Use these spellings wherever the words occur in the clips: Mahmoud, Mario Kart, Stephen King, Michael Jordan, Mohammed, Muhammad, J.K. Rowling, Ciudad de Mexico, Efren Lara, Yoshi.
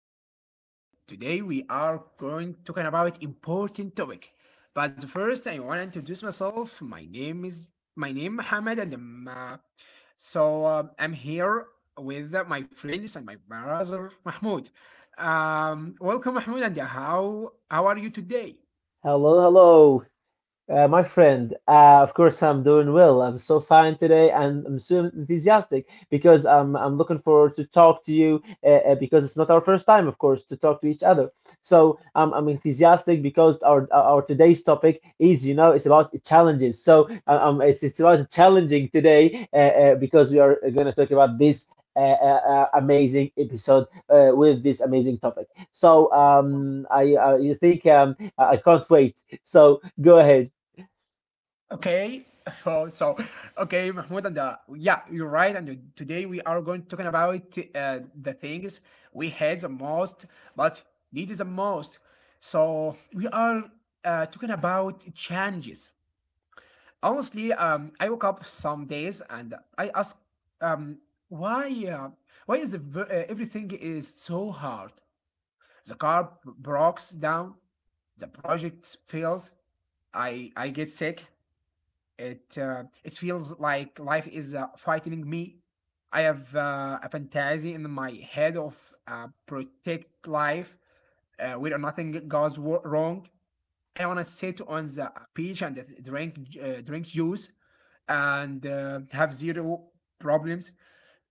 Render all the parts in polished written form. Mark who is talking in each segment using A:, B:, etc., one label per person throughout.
A: our episode. Today we are going to talk about important topic. But first, I want to introduce myself. My name Mohammed, and I'm here with my friends and my brother Mahmoud. Welcome, Mahmoud, and how are you today?
B: Hello, hello. My friend, of course, I'm doing well. I'm so fine today, and I'm so enthusiastic because I'm looking forward to talk to you because it's not our first time, of course, to talk to each other. So I'm enthusiastic because our today's topic is, you know, it's about challenges. So it's about challenging today because we are going to talk about this. Amazing episode with this amazing topic. So I you think I can't wait. So go ahead.
A: Okay, so, so okay, Mahmoud, and yeah, you're right. Today we are going talking about the things we hate the most, but need the most. So we are talking about changes. Honestly, I woke up some days and I ask, um, why, uh, why is everything is so hard? The car breaks down, the project fails. I get sick. It feels like life is frightening me. I have a fantasy in my head of protect life where nothing goes wrong. I wanna sit on the beach and drink juice and have zero problems.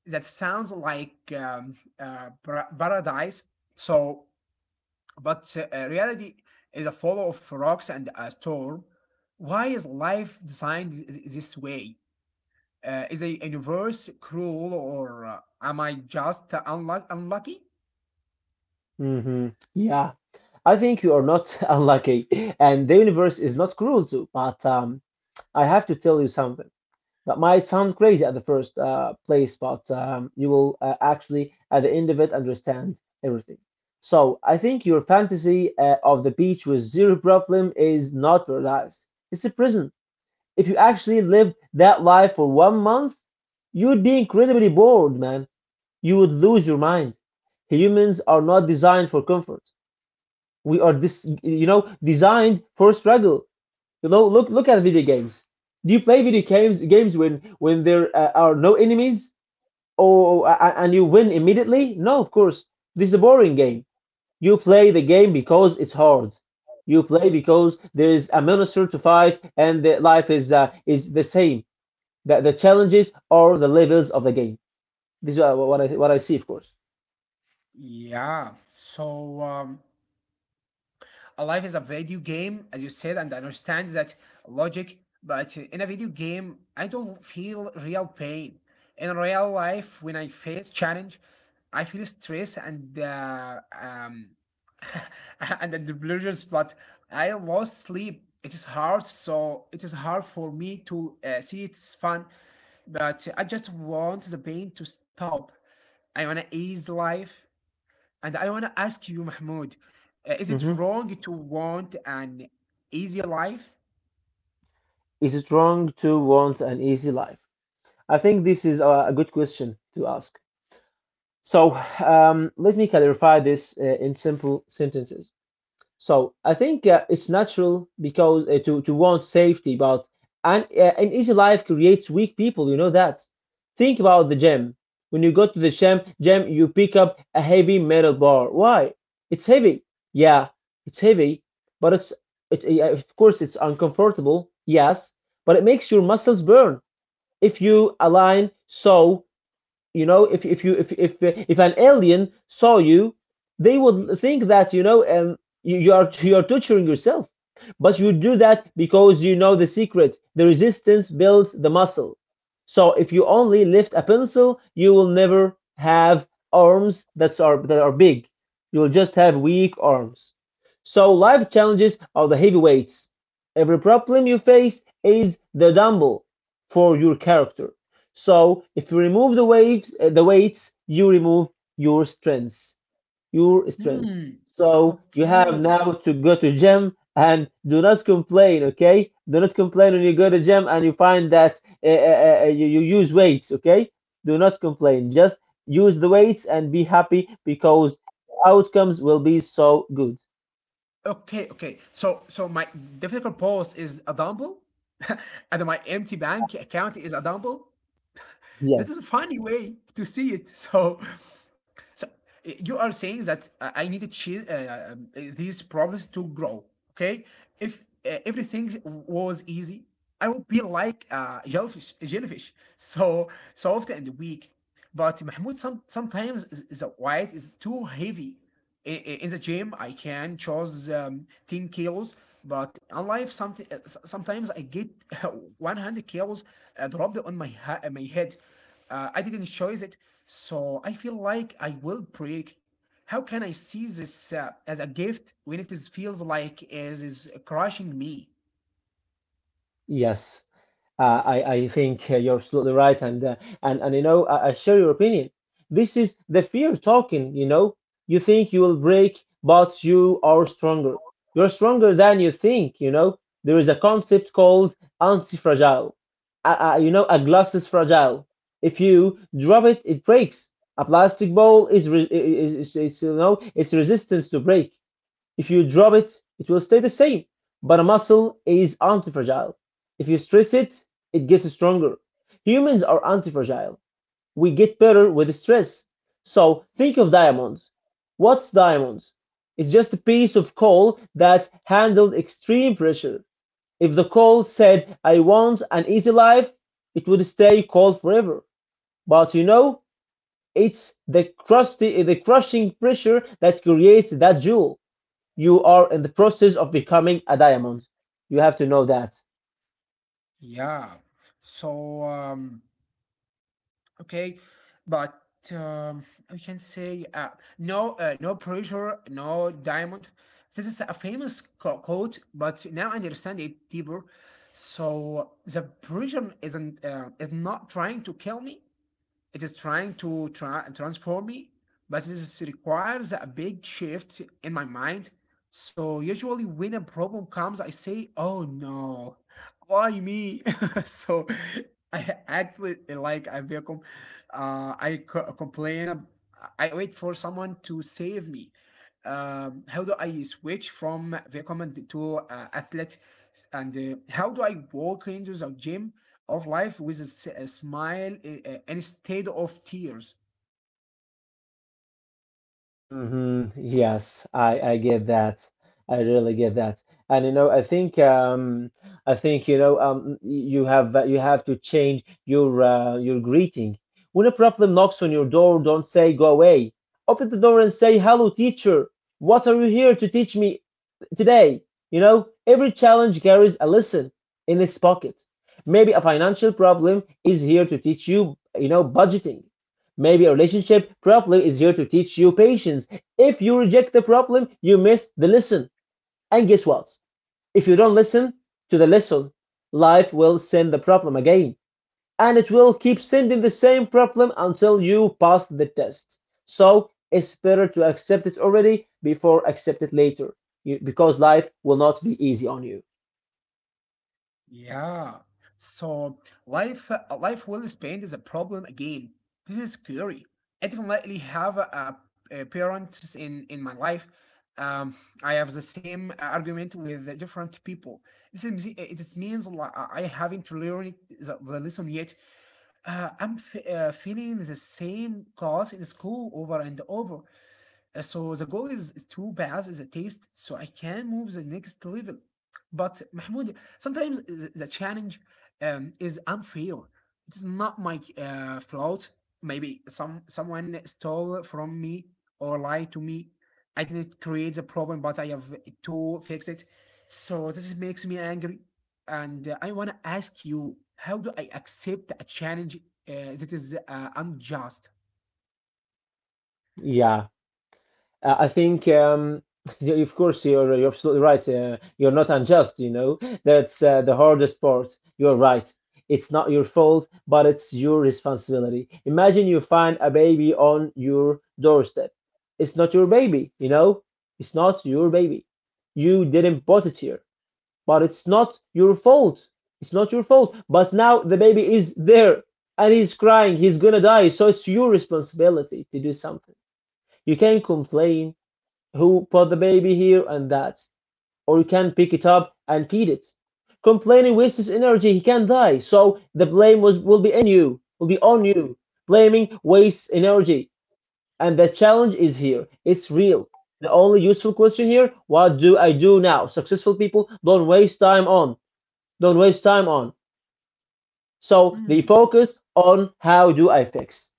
A: That sounds like paradise. So, but reality is a follow of rocks and a storm. Why is life designed this way? Is a universe cruel or am I just unlucky?
B: hmm Yeah, I think you are not unlucky, and the universe is not cruel to. But I have to tell you something that might sound crazy at the first place, but you will actually, at the end of it, understand everything. So I think your fantasy of the beach with zero problem is not paradise. It's a prison. If you actually lived that life for 1 month, you would be incredibly bored, man. You would lose your mind. Humans are not designed for comfort, we are this, you know, designed for struggle. You know, look at video games. Do you play video games when there are no enemies, or and you win immediately? No, of course, this is a boring game. You play the game because it's hard. You play because there is a monster to fight, and the life is the same. The challenges are the levels of the game. This is what I see, of course.
A: Yeah. A life is a video game, as you said, and I understand that logic. But in a video game, I don't feel real pain. In real life, when I face challenge, I feel stress and and the delusions. But I lost sleep. It is hard, so it is hard for me to see it's fun. That I just want the pain to stop. I want to ease life. And I want to ask you, Mahmoud, is it
B: hmm
A: wrong to want an easy life?
B: is wrong to want an easy life. I think this is a good question to ask. So, let me clarify this in simple sentences. So, I think it's natural because to want safety, but an easy life creates weak people. You know that. Think about the gym. When you go to the gym, you pick up a heavy metal bar. Why? It's heavy. Yeah, it's heavy, but it's of course it's uncomfortable. Yes, but it makes your muscles burn if you align. So you know, if you if an alien saw you, they would think that, you know, um, you are torturing yourself. But you do that because you know the secret. The resistance builds the muscle. So if you only lift a pencil, you will never have arms that are big. You will just have weak arms. So life challenges are the heavyweights. Every problem you face is the dumbbell for your character. So if you remove the waves, the weights, you remove your strengths, your strength.
A: Hmm.
B: So you have
A: Okay.
B: now to go to gym and do not complain, okay? Do not complain when you go to gym and you find that you use weights, okay? Do not complain. Just use the weights and be happy because outcomes will be so good.
A: Okay. Okay. So my difficult pause is a dumbbell, and my empty bank account is a dumbbell. This
B: Yes.
A: is a funny way to see it. So you are saying that I need to change these problems to grow. Okay, if everything was easy, I would be like jellyfish, so soft and weak. But Mahmoud, sometimes the weight is too heavy in the gym I can choose 10 kilos but in life something sometimes I get 100 kilos dropped on my head, I didn't choose it, so I feel like I will break. How can I see this as a gift when it is feels like it is crushing me?
B: Yes. I think you're absolutely right, and and you know, I share your opinion. This is the fear talking. You know, you think you will break, but you are stronger. You're stronger than you think. You know, there is a concept called anti-fragile. You know, a glass is fragile. If you drop it, it breaks. A plastic ball is, is, you know, its resistance to break. If you drop it, it will stay the same. But a muscle is anti-fragile. If you stress it, it gets stronger. Humans are anti-fragile. We get better with stress. So think of diamonds. What's diamonds? It's just a piece of coal that handled extreme pressure. If the coal said, I want an easy life, it would stay coal forever. But you know, it's the crusty, the crushing pressure that creates that jewel. You are in the process of becoming a diamond. You have to know that.
A: yeah so um Okay, but um, I can say, no pressure, no diamond. This is a famous quote, but now I understand it deeper. So the prison isn't is not trying to kill me. It is trying to transform me, but this requires a big shift in my mind. So usually when a problem comes, I say, "Oh no, why me?" So I act with, like a victim. I co- complain. Ab- I wait for someone to save me. How do I switch from victim to athlete? And how do I walk into the gym of life with a smile instead of tears.
B: Yes, I get that. I really get that. And you know, I think, you know, um, you have to change your greeting. When a problem knocks on your door, don't say go away. Open the door and say hello, teacher. What are you here to teach me? Today, you know, every challenge carries a lesson in its pocket. Maybe a financial problem is here to teach you, you know, budgeting. Maybe a relationship problem is here to teach you patience. If you reject the problem, you miss the lesson. And guess what? If you don't listen to the lesson, life will send the problem again, and it will keep sending the same problem until you pass the test. So it's better to accept it already before accept it later you, because life will not be easy on you.
A: Yeah. So Life life well spent is a problem again. This is scary. I definitely have a parents in my life. Um, I have the same argument with different people. This is, it is means like I haven't learned the lesson yet. Feeling the same cause in school over and over. So the goal is to pass the taste so I can move the next level. But Mahmoud, sometimes the challenge is unfair. It's not my fault. Maybe someone stole from me or lied to me. I didn't create the problem, but I have to fix it. So this makes me angry, and I want to ask you: How do I accept a challenge that is unjust?
B: Yeah. Uh, I think, um, of course, you're absolutely right. You're not unjust, you know. That's the hardest part. You're right. It's not your fault, but it's your responsibility. Imagine you find a baby on your doorstep. It's not your baby, you know. It's not your baby. You didn't put it here, but it's not your fault. It's not your fault. But now the baby is there and he's crying. He's gonna die. So it's your responsibility to do something. You can complain who put the baby here and that, or you can pick it up and feed it. Complaining wastes energy, he can die. So the blame was will be in you, will be on you. Blaming wastes energy. And the challenge is here. It's real. The only useful question here, what do I do now? Successful people don't waste time on. Don't waste time on. So they
A: Hmm.
B: focus on how do I fix.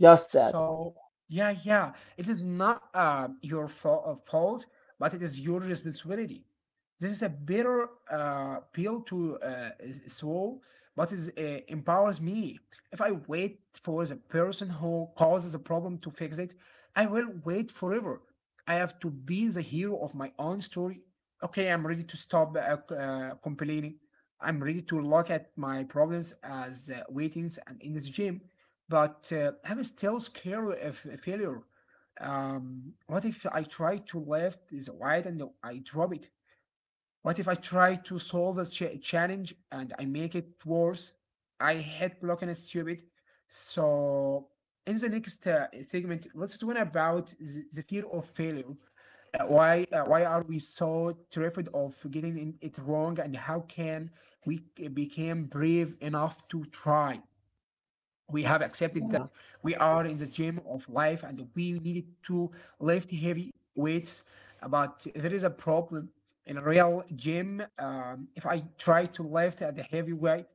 B: Just that.
A: So yeah, it is not fault, but it is your responsibility. This is a bitter pill to swallow, but it empowers me. If I wait for the person who causes a problem to fix it, I will wait forever. I have to be the hero of my own story. Okay, I'm ready to stop complaining. I'm ready to look at my problems as waitings and in this gym, but I'm still scared of failure. What if I try to left is wide and I drop it? What if I try to solve a challenge and I make it worse? I hate blocking and stupid. So in the next segment, let's talk about the fear of failure. Why why are we so terrified of getting it wrong, and how can we become brave enough to try? We have accepted
B: Yeah.
A: that we are in the gym of life and we need to lift heavy weights, but there is a problem. In a real gym, if I try to lift at the heavy weight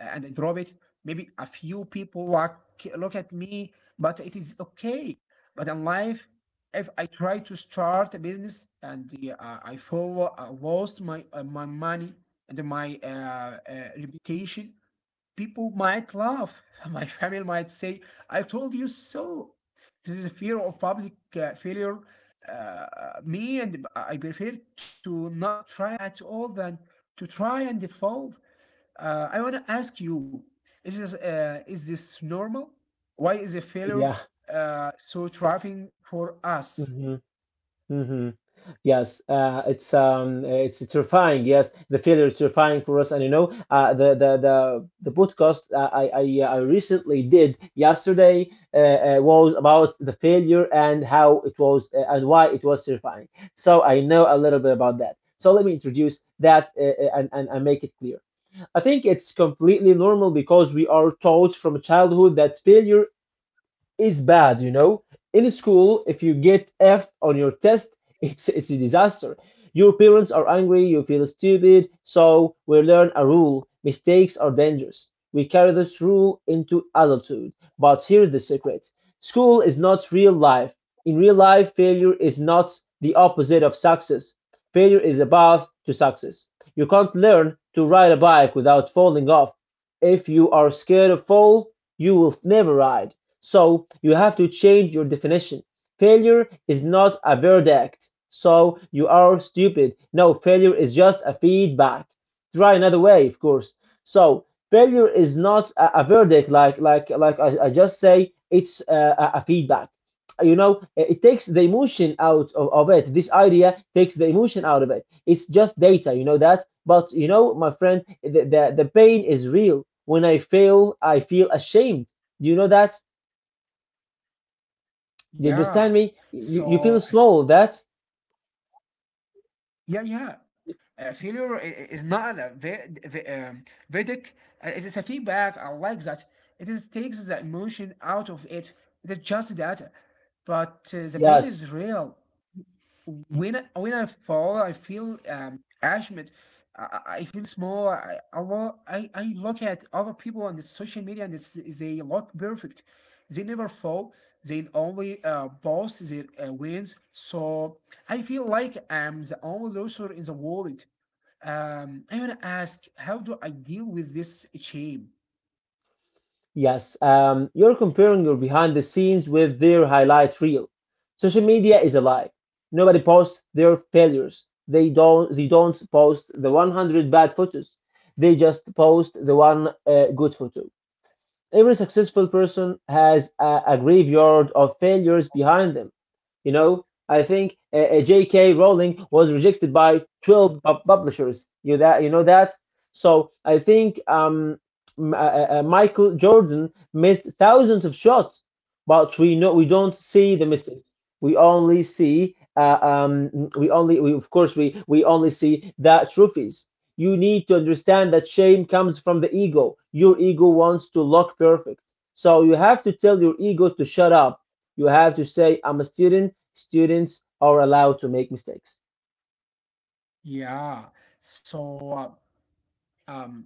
A: and I drop it, maybe a few people look at me, but it is okay. But in life, if I try to start a business and I follow, I lost my my money and my reputation, people might laugh. My family might say, I told you so. This is a fear of public failure. Me and I prefer to not try at all than to try and default. I want to ask you, is this normal? Why is a failure
B: Yeah.
A: so thriving for us?
B: hmm hmm Yes, it's terrifying. Yes, the failure is terrifying for us, and you know, the podcast I recently did yesterday was about the failure and how it was and why it was terrifying. So I know a little bit about that. So let me introduce that and and make it clear. I think it's completely normal because we are taught from childhood that failure is bad, you know. In school, if you get F on your test, it's a disaster. Your parents are angry, you feel stupid, so we learn a rule. Mistakes are dangerous. We carry this rule into adulthood. But here's the secret. School is not real life. In real life, failure is not the opposite of success. Failure is the path to success. You can't learn to ride a bike without falling off. If you are scared of fall, you will never ride. So you have to change your definition. Failure is not a verdict. So you are stupid. No, failure is just a feedback. Try another way, of course. So failure is not a verdict like I just say it's a feedback. You know, it takes the emotion out of it. This idea takes the emotion out of it. It's just data, you know that. But you know, my friend, the pain is real. When I fail, I feel ashamed. Do you know that? You understand
A: Yeah.
B: me? You feel
A: So
B: small. That's
A: yeah. Failure is not a verdict. It is a feedback. I like that. It is takes the emotion out of it. It is just that, but the pain
B: yes,
A: is real when when I fall, I feel ashamed. I feel small. I look at other people on the social media and it's, they look perfect. They never fall. They only boast their wins. So I feel like I'm the only loser in the world. I want to ask, how do I deal with this shame?
B: yes. You're comparing your behind the scenes with their highlight reel. Social media is alive. Nobody posts their failures. They don't. They don't post the 100 bad photos. They just post the one good photo. Every successful person has a graveyard of failures behind them. You know, I think J.K. Rowling was rejected by 12 publishers. You that you know that. So I think Michael Jordan missed thousands of shots, but we know we don't see the misses. We only see of course we only see the trophies. You need to understand that shame comes from the ego. Your ego wants to look perfect. So you have to tell your ego to shut up, you have to say, I'm a student. Students are allowed to make mistakes.
A: Yeah. So um,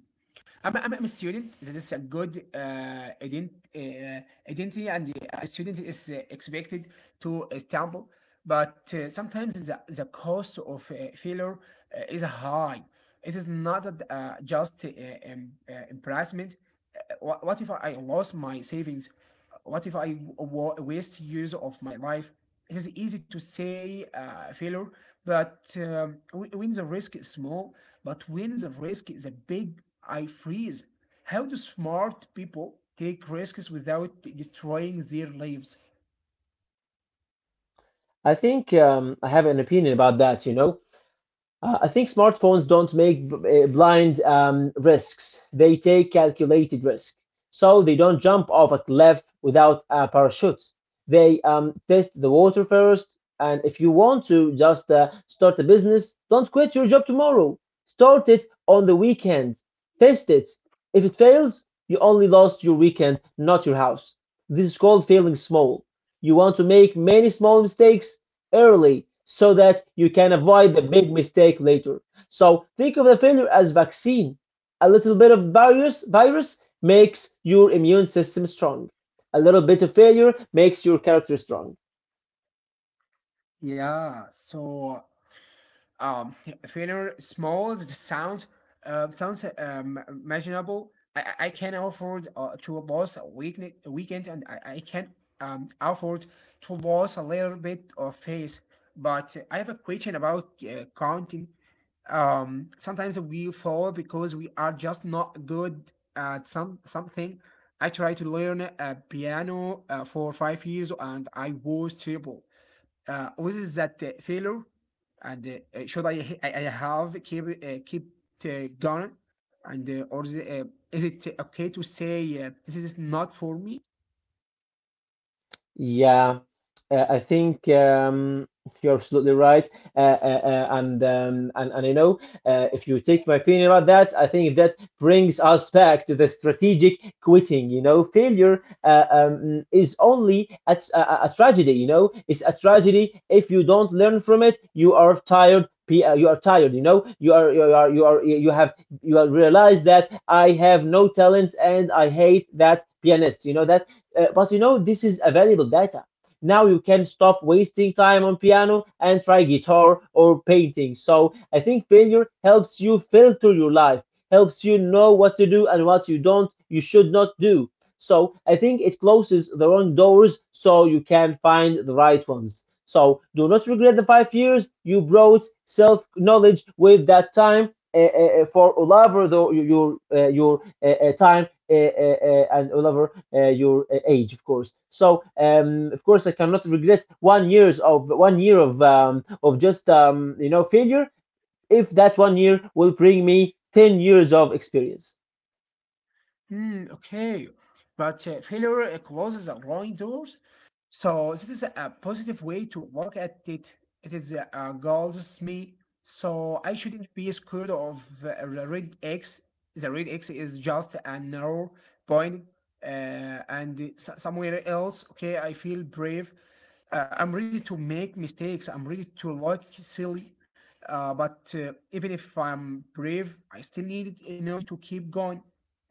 A: I'm a student. That is a good ident- uh, identity, and a student is expected to stumble. But sometimes the cost of failure is high. It is not that, just embarrassment. What if I lost my savings? What if I waste years of my life? It is easy to say failure, but when the risk is small, but when the risk is a big, I freeze. How do smart people take risks without destroying their lives?
B: I think I have an opinion about that, you know. I think smartphones don't make blind risks. They take calculated risk. So they don't jump off a cliff without a parachute. They test the water first. And if you want to just start a business, don't quit your job tomorrow. Start it on the weekend. Test it. If it fails, you only lost your weekend, not your house. This is called failing small. You want to make many small mistakes, early so that you can avoid the big mistake later. So think of the failure as vaccine. A little bit of virus makes your immune system strong. A little bit of failure makes your character strong.
A: Yeah, um failure small, it sounds sounds imaginable. I can afford to lose a weekend, and I can afford to lose a little bit of face, but I have a question about counting. um Sometimes we fall because we are just not good at something. I tried to learn a piano for 5 years and I was terrible. What is that failure? And I h- I have keep keep going? And is it okay to say this is not for me?
B: Yeah, I think you're absolutely right, and you know, if you take my opinion about that, I think that brings us back to the strategic quitting. You know, failure is only a tragedy. You know, it's a tragedy if you don't learn from it. You are tired. You are tired. You know, you have realized that I have no talent and I hate that pianist. You know that. But this is available data. Now you can stop wasting time on piano and try guitar or painting. So I think failure helps you filter your life, helps you know what to do and what you don't, you should not do. So I think it closes the wrong doors so you can find the right ones. So do not regret the 5 years you brought self knowledge with that time, for all over the, your time, and all over your age, of course. So, of course, I cannot regret 1 years of 1 year of just failure if that 1 year will bring me 10 years of experience.
A: Hmm, okay. But failure closes the wrong doors. So this is a positive way to look at it. It is a golds me. So I shouldn't be scared of the red X. The red X is just a narrow point, and it's somewhere else. Okay, I feel brave, I'm ready to make mistakes. I'm ready to look silly. But even if I'm brave, I still need energy to keep going.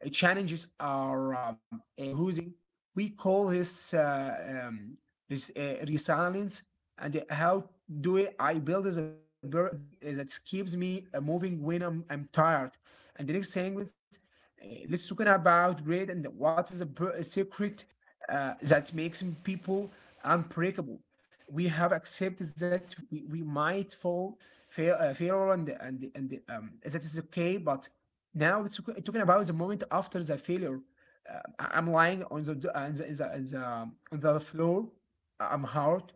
A: Challenges are exhausting. We call this resilience. And how do it? I build as a battery that keeps me moving when I'm tired. And the next thing is, let's talk about great and what is the secret that makes people unbreakable. We have accepted that we might fail and that is okay. But now it's talking about the moment after the failure. I'm lying on the, d- on the, in the, in the, on the floor. I'm hurt.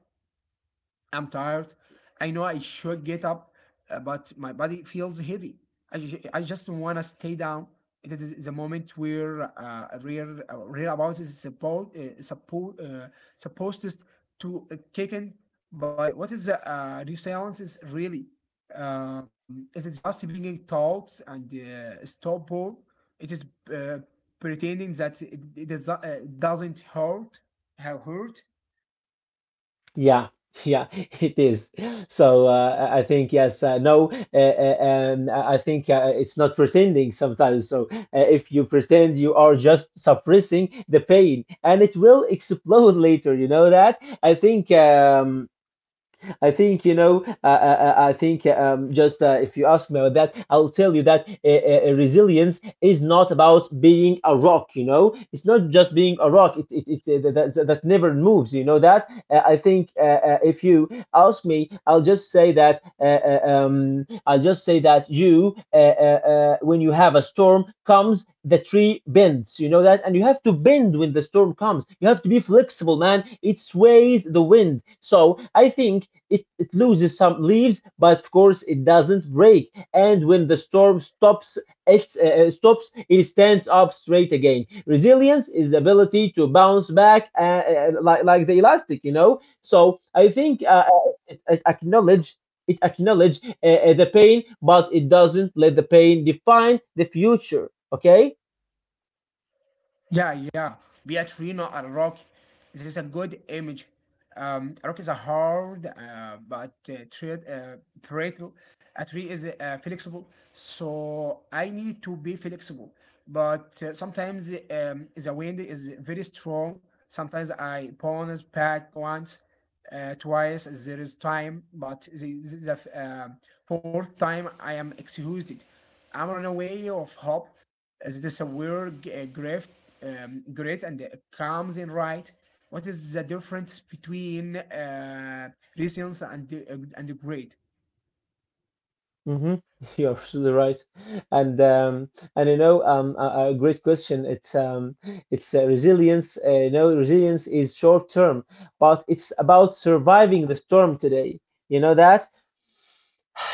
A: I'm tired. I know I should get up, but my body feels heavy. I just want to stay down. It is the moment where real about is supposed is to kick in. But what is the resilience is really? Is it just being taught and stop all? It is uh, pretending that it doesn't hurt, have hurt.
B: Yeah. Yeah, it is. So I think yes, no, I think it's not pretending sometimes. So if you pretend, you are just suppressing the pain, and it will explode later. You know that? I think you know. I think just if you ask me about that, I'll tell you that resilience is not about being a rock. You know, it's not just being a rock. It that, that that never moves. You know that. I think if you ask me, I'll just say that. I'll just say that when you have a storm, comes the tree bends. You know that, and you have to bend when the storm comes. You have to be flexible, man. It sways the wind. So I think it loses some leaves, but of course it doesn't break. And when the storm stops. It stands up straight again. Resilience is the ability to bounce back, like the elastic. So I think it acknowledge the pain, but it doesn't let the pain define the future. Okay.
A: Yeah, yeah. Beatrino and Rocky. This is a good image. Rock is a hard, but treat, brittle. A tree is flexible, so I need to be flexible. But sometimes the wind is very strong. Sometimes I bounce back once, twice. There is time, but the fourth time I am excused. I'm run away of hope. Is this a word grift, great and it comes in, right? What is the difference between resilience and and great?
B: Mm-hmm. You're absolutely right, and um, and a great question. It's resilience. Resilience is short term, but it's about surviving the storm today. You know that.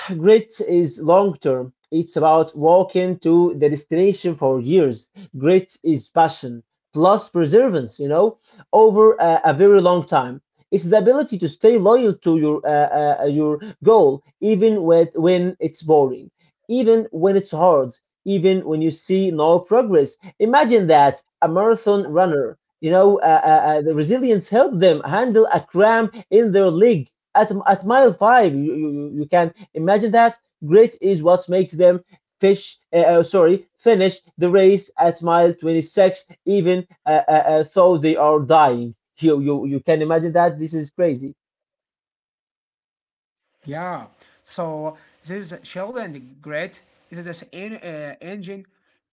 B: Grit is long term. It's about walking to the destination for years. Grit is passion plus perseverance, over a very long time. It's the ability to stay loyal to your goal, even when it's boring, even when it's hard, even when you see no progress. Imagine that a marathon runner, the resilience helped them handle a cramp in their leg at mile five. You can imagine that grit is what makes them fish. Sorry, finish the race at mile 26, even though they are dying. You can imagine that. This is crazy.
A: Yeah. So this shield and grit is this engine.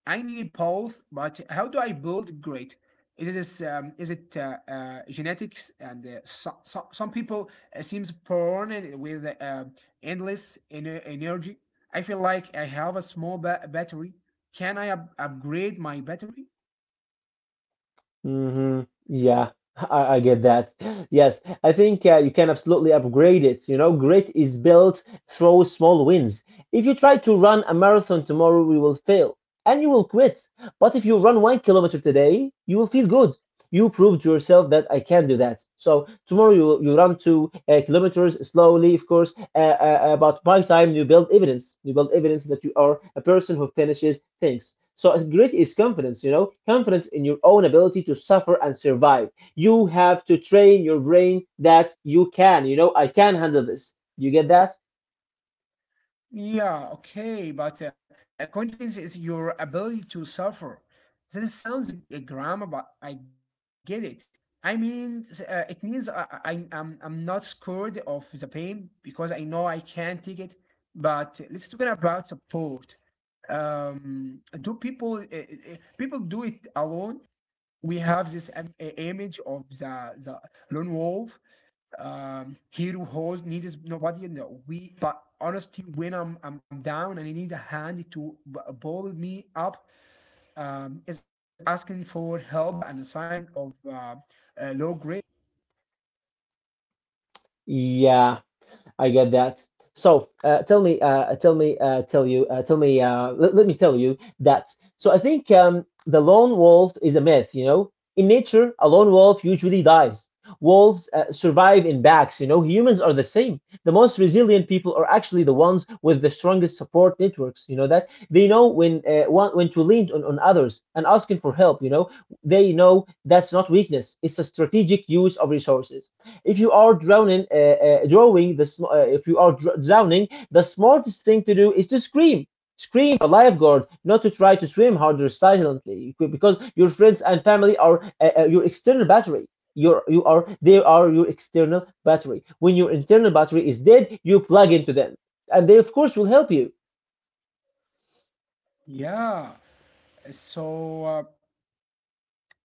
A: I need both, but how do I build grit? It is this, is it genetics and so some people seems born with endless energy. I feel like I have a small battery. Can I upgrade my battery?
B: Hmm. Yeah. I get that. Yes, I think you can absolutely upgrade it. You know, grit is built through small wins. If you try to run a marathon tomorrow, you will fail and you will quit. But if you run 1 kilometer today, you will feel good. You proved yourself that I can do that. So tomorrow you run two kilometers slowly, of course. But by time you build evidence that you are a person who finishes things. So grit is confidence, confidence in your own ability to suffer and survive. You have to train your brain that you can, I can handle this. You get that?
A: Yeah, okay, but confidence is your ability to suffer. This sounds a grammar, but I get it. I mean, it means I, I'm not scared of the pain because I know I can take it. But let's talk about support. Do people do it alone? We have this image of the lone wolf, hero host needs nobody in the we, but honestly when I'm down and I need a hand to ball me up, is asking for help and a sign of low grade?
B: Yeah. I get that. So tell me, tell me, tell me. Let me tell you that. So I think the lone wolf is a myth. You know, in nature, a lone wolf usually dies. Wolves survive in packs. You know, humans are the same. The most resilient people are actually the ones with the strongest support networks. You know that they know when to lean on others and asking for help. You know, they know that's not weakness. It's a strategic use of resources if you are drowning, if you are dr- drowning, the smartest thing to do is to scream. Scream for lifeguard, not to try to swim harder silently, because your friends and family are your external battery. Your, you are they are your external battery. When your internal battery is dead, you plug into them, and they of course will help you.
A: Yeah, so uh,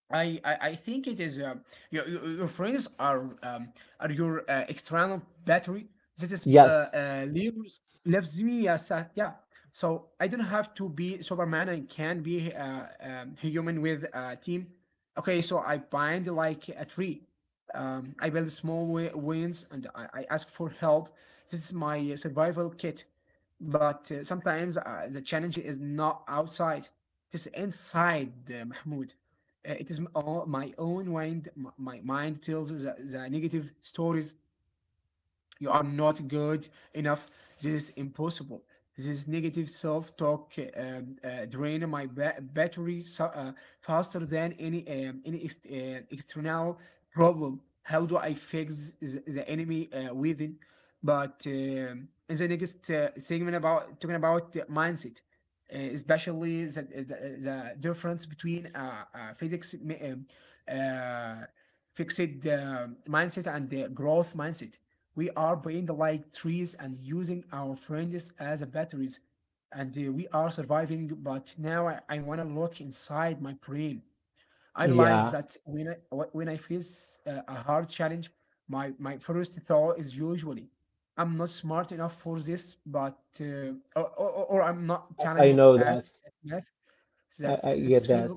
A: I, I, I think it is, your your friends are, are your external battery that is
B: Yes,
A: leaves, leaves me as a, yeah. So I don't have to be Superman. I can be human with a team. Okay, so I bind like a tree. I build small wins and I ask for help. This is my survival kit. But sometimes the challenge is not outside, it is inside, Mahmoud. All my own mind. My mind tells the negative stories: you are not good enough. This is impossible. This negative self-talk drain my battery, so faster than any external problem. How do I fix the enemy within? But in the next segment about talking about the mindset, especially the difference between uh, fixed mindset and the growth mindset, we are paying like trees and using our friends as batteries, and we are surviving. But now I want to look inside my brain. I
B: yeah,
A: realize that when I face a hard challenge, my first thought is usually, I'm not smart enough for this, but or I'm not
B: I
A: talented for
B: know that.
A: at math, so
B: I,
A: that
B: I
A: this
B: get
A: feels,
B: that.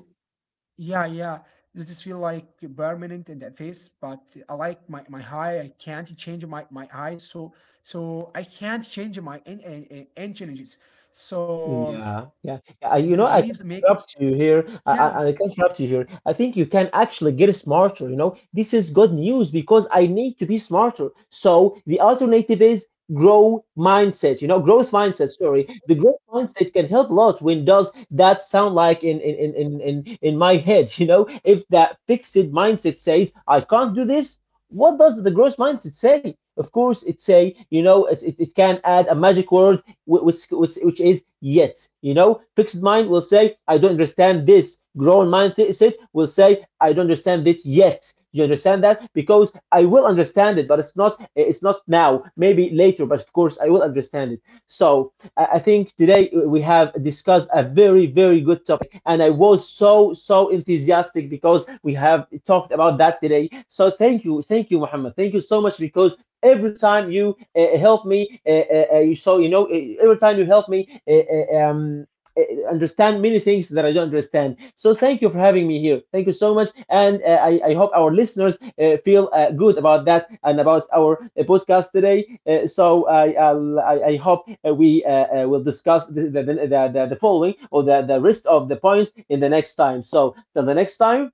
A: yeah, yeah. This just feel like permanent in that face, but I like my high. I can't change my my eyes, so so I can't change my engines. So
B: Yeah, yeah, yeah. You
A: this
B: know, I can
A: beliefs makes,
B: interrupt you here. I,
A: yeah.
B: I, I can interrupt you here. I think you can actually get smarter. You know, this is good news because I need to be smarter. So the alternative is grow mindset. You know, growth mindset. Sorry, the growth mindset can help a lot. When does that sound like in my head? You know, if that fixed mindset says I can't do this, what does the growth mindset say? Of course, it say it can add a magic word which is yet. You know, fixed mind will say, I don't understand this. Grown mind sit will say, I don't understand it yet. You understand that? Because I will understand it, but it's not now. Maybe later, but of course I will understand it. So I think today we have discussed a very very good topic, and I was so so enthusiastic because we have talked about that today. So thank you, Muhammad. Thank you so much because every time you help me, you so you know every time you help me, uh, understand many things that I don't understand. So thank you for having me here. Thank you so much, and I hope our listeners feel good about that and about our podcast today. So I hope we will discuss the following or the rest of the points in the next time. So till the next time,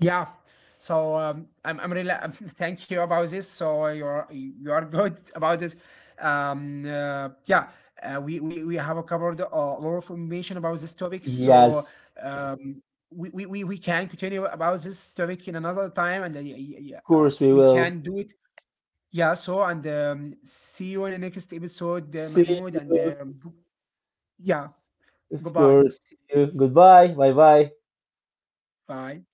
A: Yeah. So I'm really thank you about this. So you are good about it. Yeah, we have covered a lot of information about this topic. So
B: yes,
A: um, we can continue about this topic in another time, and
B: of course we
A: we
B: will
A: can do it. Yeah. So and see you in the next episode,
B: see
A: Mahmoud. And
B: you.
A: yeah,
B: Of
A: goodbye.
B: course, see you. Goodbye. Bye bye.
A: Bye.